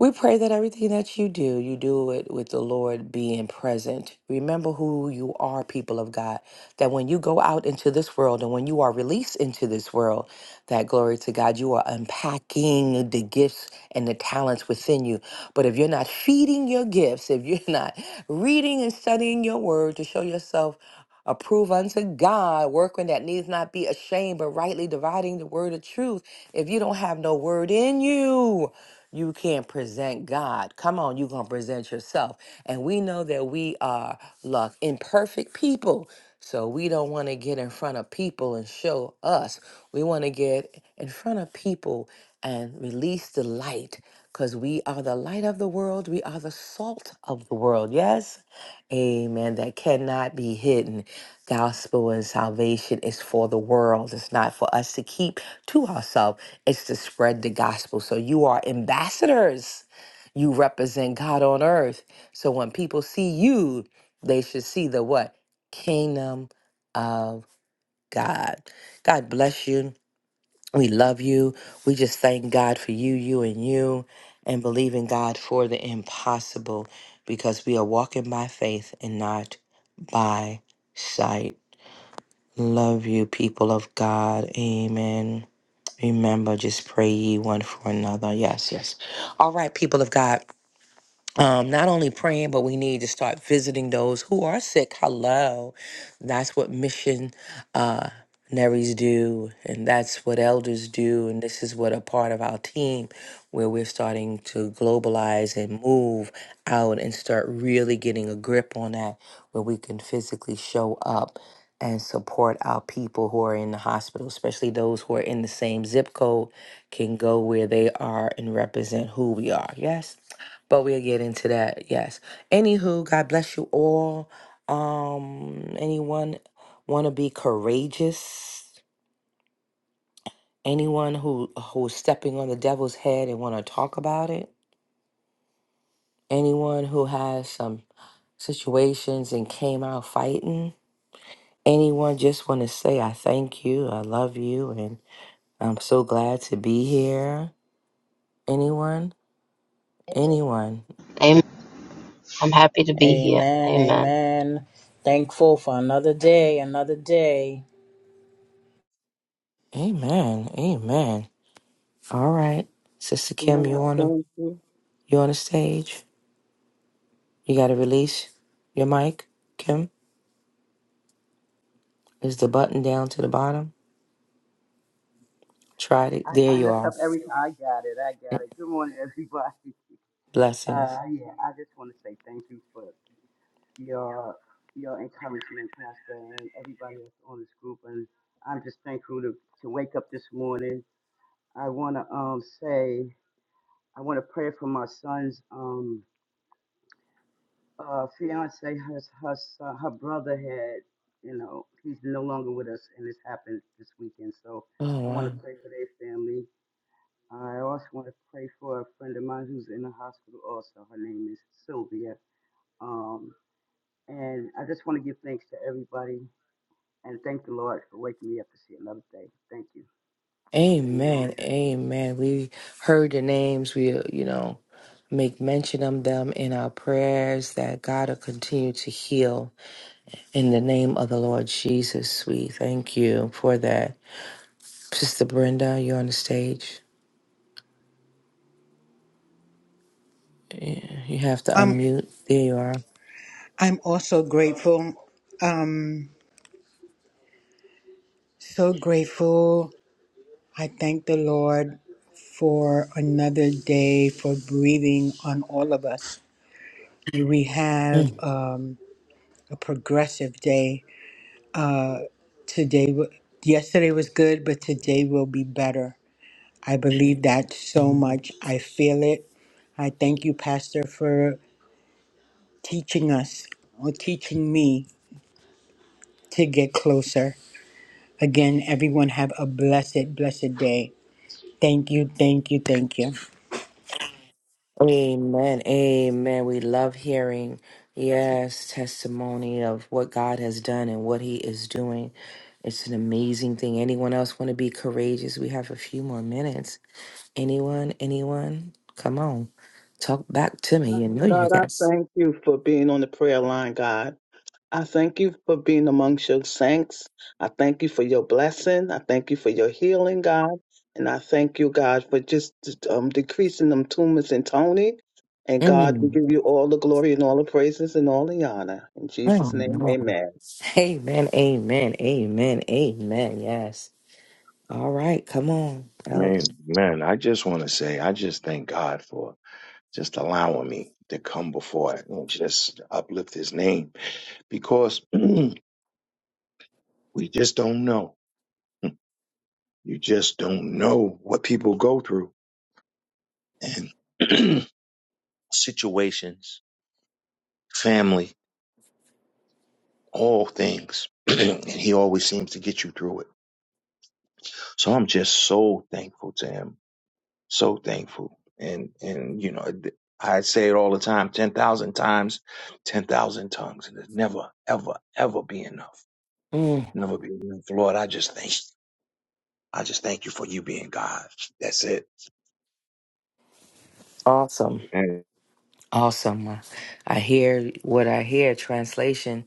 Speaker 4: We pray that everything that you do, you do it with the Lord being present. Remember who you are, people of God, that when you go out into this world and when you are released into this world, that glory to God, you are unpacking the gifts and the talents within you. But if you're not feeding your gifts, if you're not reading and studying your word to show yourself, Approve unto God, workman that needs not be ashamed, but rightly dividing the word of truth. If you don't have no word in you, you can't present God. Come on, you going to present yourself. And we know that we are, look, imperfect people. So we don't want to get in front of people and show us. We want to get in front of people and release the light because we are the light of the world. We are the salt of the world. Yes? Amen. That cannot be hidden. Gospel and salvation is for the world. It's not for us to keep to ourselves, it's to spread the gospel. So you are ambassadors. You represent God on earth. So when people see you, they should see the what? Kingdom of God. God bless you. We love you. We just thank God for you, you, and you, and believe in God for the impossible because we are walking by faith and not by sight. Love you, people of God. Amen. Remember, just pray ye one for another. Yes, yes. All right, people of God um, not only praying, but we need to start visiting those who are sick. Hello. That's what missionaries uh, naries do, and that's what elders do. And this is what a part of our team where we're starting to globalize and move out and start really getting a grip on that, where we can physically show up and support our people who are in the hospital, especially those who are in the same zip code, can go where they are and represent who we are. Yes. But we'll get into that, yes. Anywho, God bless you all. Um, anyone want to be courageous? Anyone who who's stepping on the devil's head and want to talk about it? Anyone who has some situations and came out fighting? Anyone just want to say I thank you, I love you, and I'm so glad to be here. Anyone? Anyone?
Speaker 1: Amen. I'm happy to be here.
Speaker 3: Amen.
Speaker 1: Amen.
Speaker 3: Amen. Thankful for another day, another day.
Speaker 4: Amen. Amen. All right, Sister Kim,
Speaker 2: Lord, I
Speaker 4: you on the
Speaker 2: thank you.
Speaker 4: you on the stage? You got to release your mic, Kim. Is the button down to the bottom? Try it.
Speaker 5: I,
Speaker 4: There
Speaker 5: I
Speaker 4: you
Speaker 5: messed
Speaker 4: are.
Speaker 5: up every time. I got it. I got it. Good morning, everybody. Uh,
Speaker 4: Blessings.
Speaker 5: yeah, I just want to say thank you for your your encouragement, Pastor, and everybody that's on this group. And I'm just thankful to, to wake up this morning. I want to um say I want to pray for my son's um uh fiance. Her her son, her brother had you know he's no longer with us, and this happened this weekend. So
Speaker 4: Oh,
Speaker 5: I want
Speaker 4: wow.
Speaker 5: to pray for their family. I also want to pray for a friend of mine who's in the hospital also. Her name is Sylvia. Um, and I just want to give thanks to everybody and thank the Lord for waking me up to see another day. Thank you. Amen.
Speaker 4: Amen. Amen. We heard the names. We, uh, you know, make mention of them in our prayers that God will continue to heal in the name of the Lord Jesus. We thank you for that. Sister Brenda, you're on the stage. Yeah, You have to
Speaker 6: I'm,
Speaker 4: unmute. There you are.
Speaker 6: I'm also grateful, so grateful. I thank the Lord for another day for breathing on all of us. We have um, a progressive day. Today, w- yesterday was good, but today will be better. I believe that so
Speaker 4: Mm.
Speaker 6: much. I feel it. I thank you, Pastor, for teaching us or teaching me to get closer. Again, everyone have a blessed, blessed day. Thank you, thank you, thank you.
Speaker 4: Amen. Amen. We love hearing, yes, testimony of what God has done and what He is doing. It's an amazing thing. Anyone else want to be courageous? We have a few more minutes. Anyone? Anyone? Come on. Talk back to me. You know you
Speaker 2: God, I
Speaker 4: guys.
Speaker 2: thank you for being on the prayer line, God. I thank you for being amongst your saints. I thank you for your blessing. I thank you for your healing, God. And I thank you, God, for just um, decreasing them tumors in Tony. And God, we
Speaker 4: Mm.
Speaker 2: give you all the glory and all the praises and all the honor. In
Speaker 4: Oh,
Speaker 2: Jesus' name,
Speaker 4: no.
Speaker 2: amen.
Speaker 4: Amen. Amen. Amen. Amen. Yes. All right. Come on,
Speaker 7: Man,
Speaker 4: Elder.
Speaker 7: man, I just want to say, I just thank God for just allowing me to come before it and just uplift his name because we just don't know. You just don't know what people go through and situations, family, all things. and he always seems to get you through it. So I'm just so thankful to him So thankful. And, and, you know, I say it all the time 10,000 times, 10,000 tongues. And it's never, ever, ever be enough.
Speaker 4: Mm.
Speaker 7: Never be enough. Lord, I just thank, I just thank you for you being God. That's it.
Speaker 4: Awesome.
Speaker 7: Amen.
Speaker 4: Awesome. I hear what I hear. Translation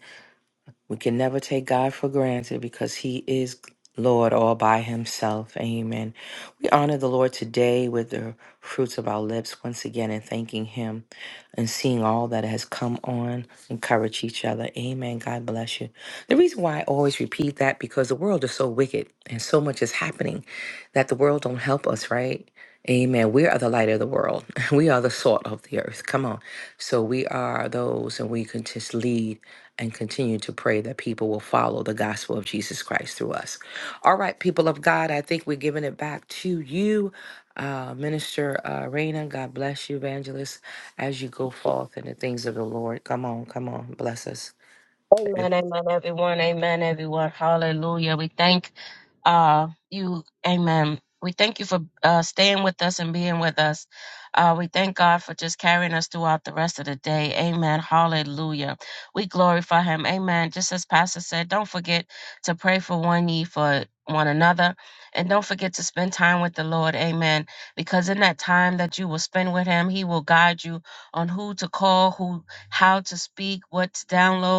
Speaker 4: We can never take God for granted because He is Lord all by Himself. Amen. We honor the Lord today with the fruits of our lips once again and thanking Him and seeing all that has come on. Encourage each other. Amen. God bless you. The reason why I always repeat that because the world is so wicked and so much is happening that the world don't help us, right? Amen. We are the light of the world. We are the salt of the earth. Come on. So we are those and we can just lead and continue to pray that people will follow the gospel of Jesus Christ through us. All right, people of God, I think we're giving it back to you, uh, Minister uh, Raina. God bless you, evangelist, as you go forth in the things of the Lord. Come on, come on, bless us.
Speaker 1: Amen, amen, everyone. Amen, everyone. Hallelujah. We thank uh, you. Amen. We thank you for uh, staying with us and being with us. Uh, we thank God for just carrying us throughout the rest of the day. Amen. Hallelujah. We glorify Him. Amen. Just as Pastor said, don't forget to pray for one ye for one another. And don't forget to spend time with the Lord. Amen. Because in that time that you will spend with Him, He will guide you on who to call, who, how to speak, what to download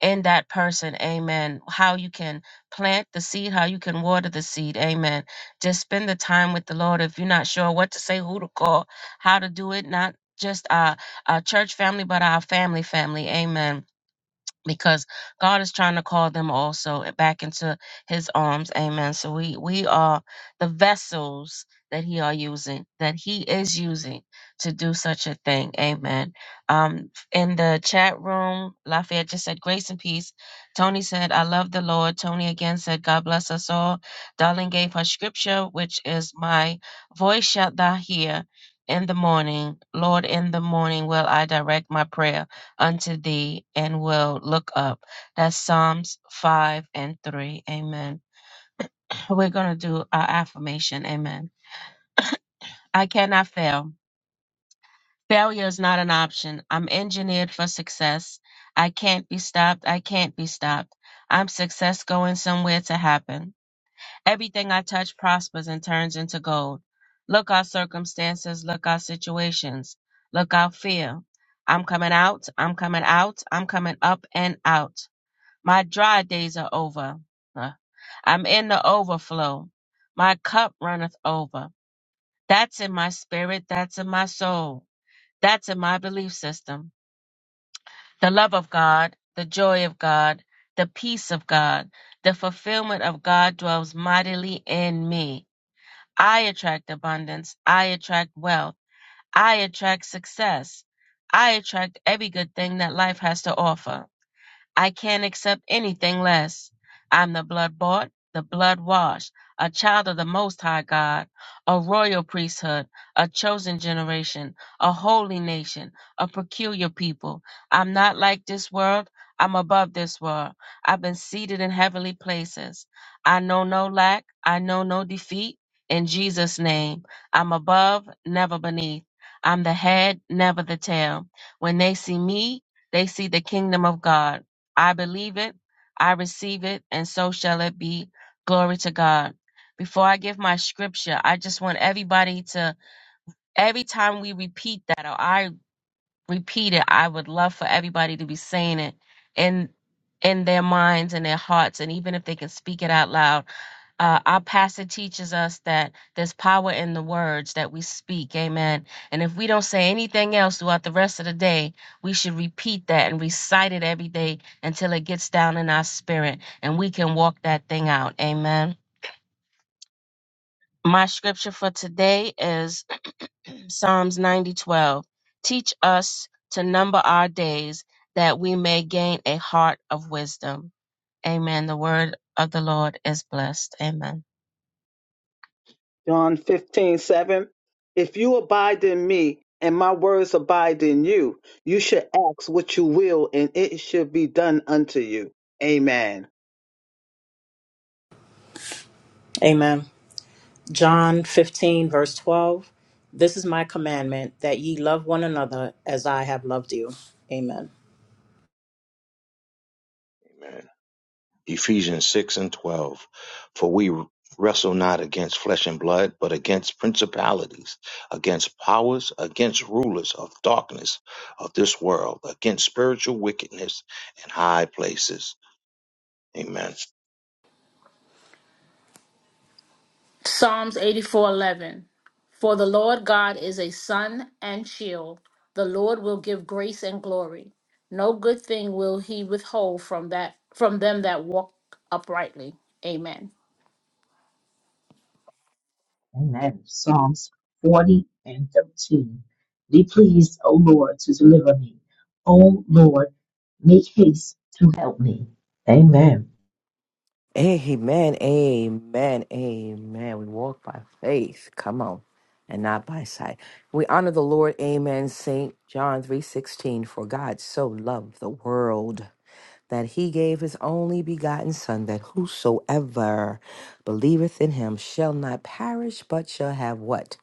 Speaker 1: in that person, amen. How you can plant the seed, how you can water the seed, amen. Just spend the time with the Lord. If you're not sure what to say, who to call, how to do it, not just our, our church family, but our family family, amen because God is trying to call them also back into his arms. Amen. So we we are the vessels that he are using, that he is using to do such a thing. Amen. Um in the chat room, Lafayette just said grace and peace. Tony said, I love the Lord. Tony again said, God bless us all. Darling gave her scripture, which is my voice shalt thou hear in the morning. Lord, in the morning will I direct my prayer unto thee and will look up. That's Psalms 5 and 3. Amen. We're going to do our affirmation. Amen. I cannot fail. Failure is not an option. I'm engineered for success. I can't be stopped. I can't be stopped. I'm success going somewhere to happen. Everything I touch prospers and turns into gold. Look our circumstances, look our situations, look our fear. I'm coming out, I'm coming out, I'm coming up and out. My dry days are over. Uh, I'm in the overflow. My cup runneth over. That's in my spirit. That's in my soul. That's in my belief system. The love of God, the joy of God, the peace of God, the fulfillment of God dwells mightily in me. I attract abundance. I attract wealth. I attract success. I attract every good thing that life has to offer. I can't accept anything less. I'm the blood bought, the blood washed, a child of the Most High God, a royal priesthood, a chosen generation, a holy nation, a peculiar people. I'm not like this world. I'm above this world. I've been seated in heavenly places. I know no lack. I know no defeat. In Jesus' name, I'm above, never beneath. I'm the head, never the tail. When they see me, they see the kingdom of God. I believe it, I receive it, and so shall it be. Glory to God. Before I give my scripture, I just want everybody to, every time we repeat that or I repeat it, I would love for everybody to be saying it in in their minds and their hearts. And even if they can speak it out loud, uh, our pastor teaches us that there's power in the words that we speak. Amen. And if we don't say anything else throughout the rest of the day, we should repeat that and recite it every day until it gets down in our spirit and we can walk that thing out. Amen. My scripture for today is Psalms 90:12. Teach us to number our days that we may gain a heart of wisdom. Amen. The word of the Lord is blessed. Amen.
Speaker 2: John 15 7, If you abide in me and my words abide in you, you should ask what you will and it should be done unto you. Amen.
Speaker 3: Amen. John 15, verse 12. This is my commandment that ye love one another as I have loved you. Amen.
Speaker 7: Amen. Ephesians 6 and 12. For we wrestle not against flesh and blood, but against principalities, against powers, against rulers of darkness of this world, against spiritual wickedness in high places. Amen.
Speaker 8: Psalms 84:11 For the Lord God is a sun and shield. The Lord will give grace and glory. No good thing will he withhold from that from them that walk uprightly. Amen.
Speaker 9: Amen. Psalms 40 and 13. Be pleased, O Lord, to deliver me. O Lord, make haste to help me. Amen.
Speaker 4: Amen, amen, amen. We walk by faith. Come on. And not by sight. We honor the Lord. Amen. Saint John 3:16. For God so loved the world. that he gave his only begotten Son, that whosoever believeth in him shall not perish, but shall have what?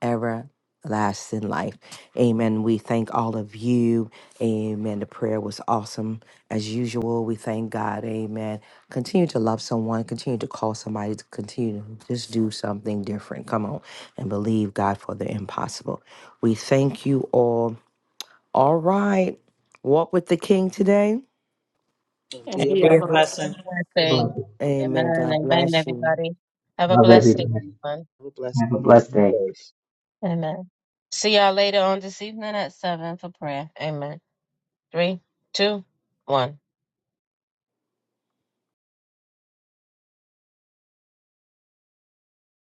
Speaker 4: Everlasting life. Amen. We thank all of you. Amen. The prayer was awesome as usual. We thank God. Amen. Continue to love someone, continue to call somebody, to continue to just do something different. Come on and believe God for the impossible. We thank you all. All right. Walk with the King today.
Speaker 2: And
Speaker 8: And
Speaker 3: And
Speaker 2: be a
Speaker 8: be a
Speaker 3: be
Speaker 1: And
Speaker 3: a
Speaker 1: do
Speaker 8: blessing.
Speaker 3: blessing.
Speaker 1: your thing.
Speaker 9: Love
Speaker 4: Amen.
Speaker 1: Amen.
Speaker 4: God
Speaker 1: Amen,
Speaker 4: bless you.
Speaker 1: everybody. Have a blessed day,
Speaker 9: everybody.
Speaker 1: everyone.
Speaker 2: blessing.
Speaker 9: Have a blessed
Speaker 2: Blessed.
Speaker 9: day.
Speaker 2: day.
Speaker 1: Amen. See y'all later on this evening at 7 for prayer. Amen. Three, two, one.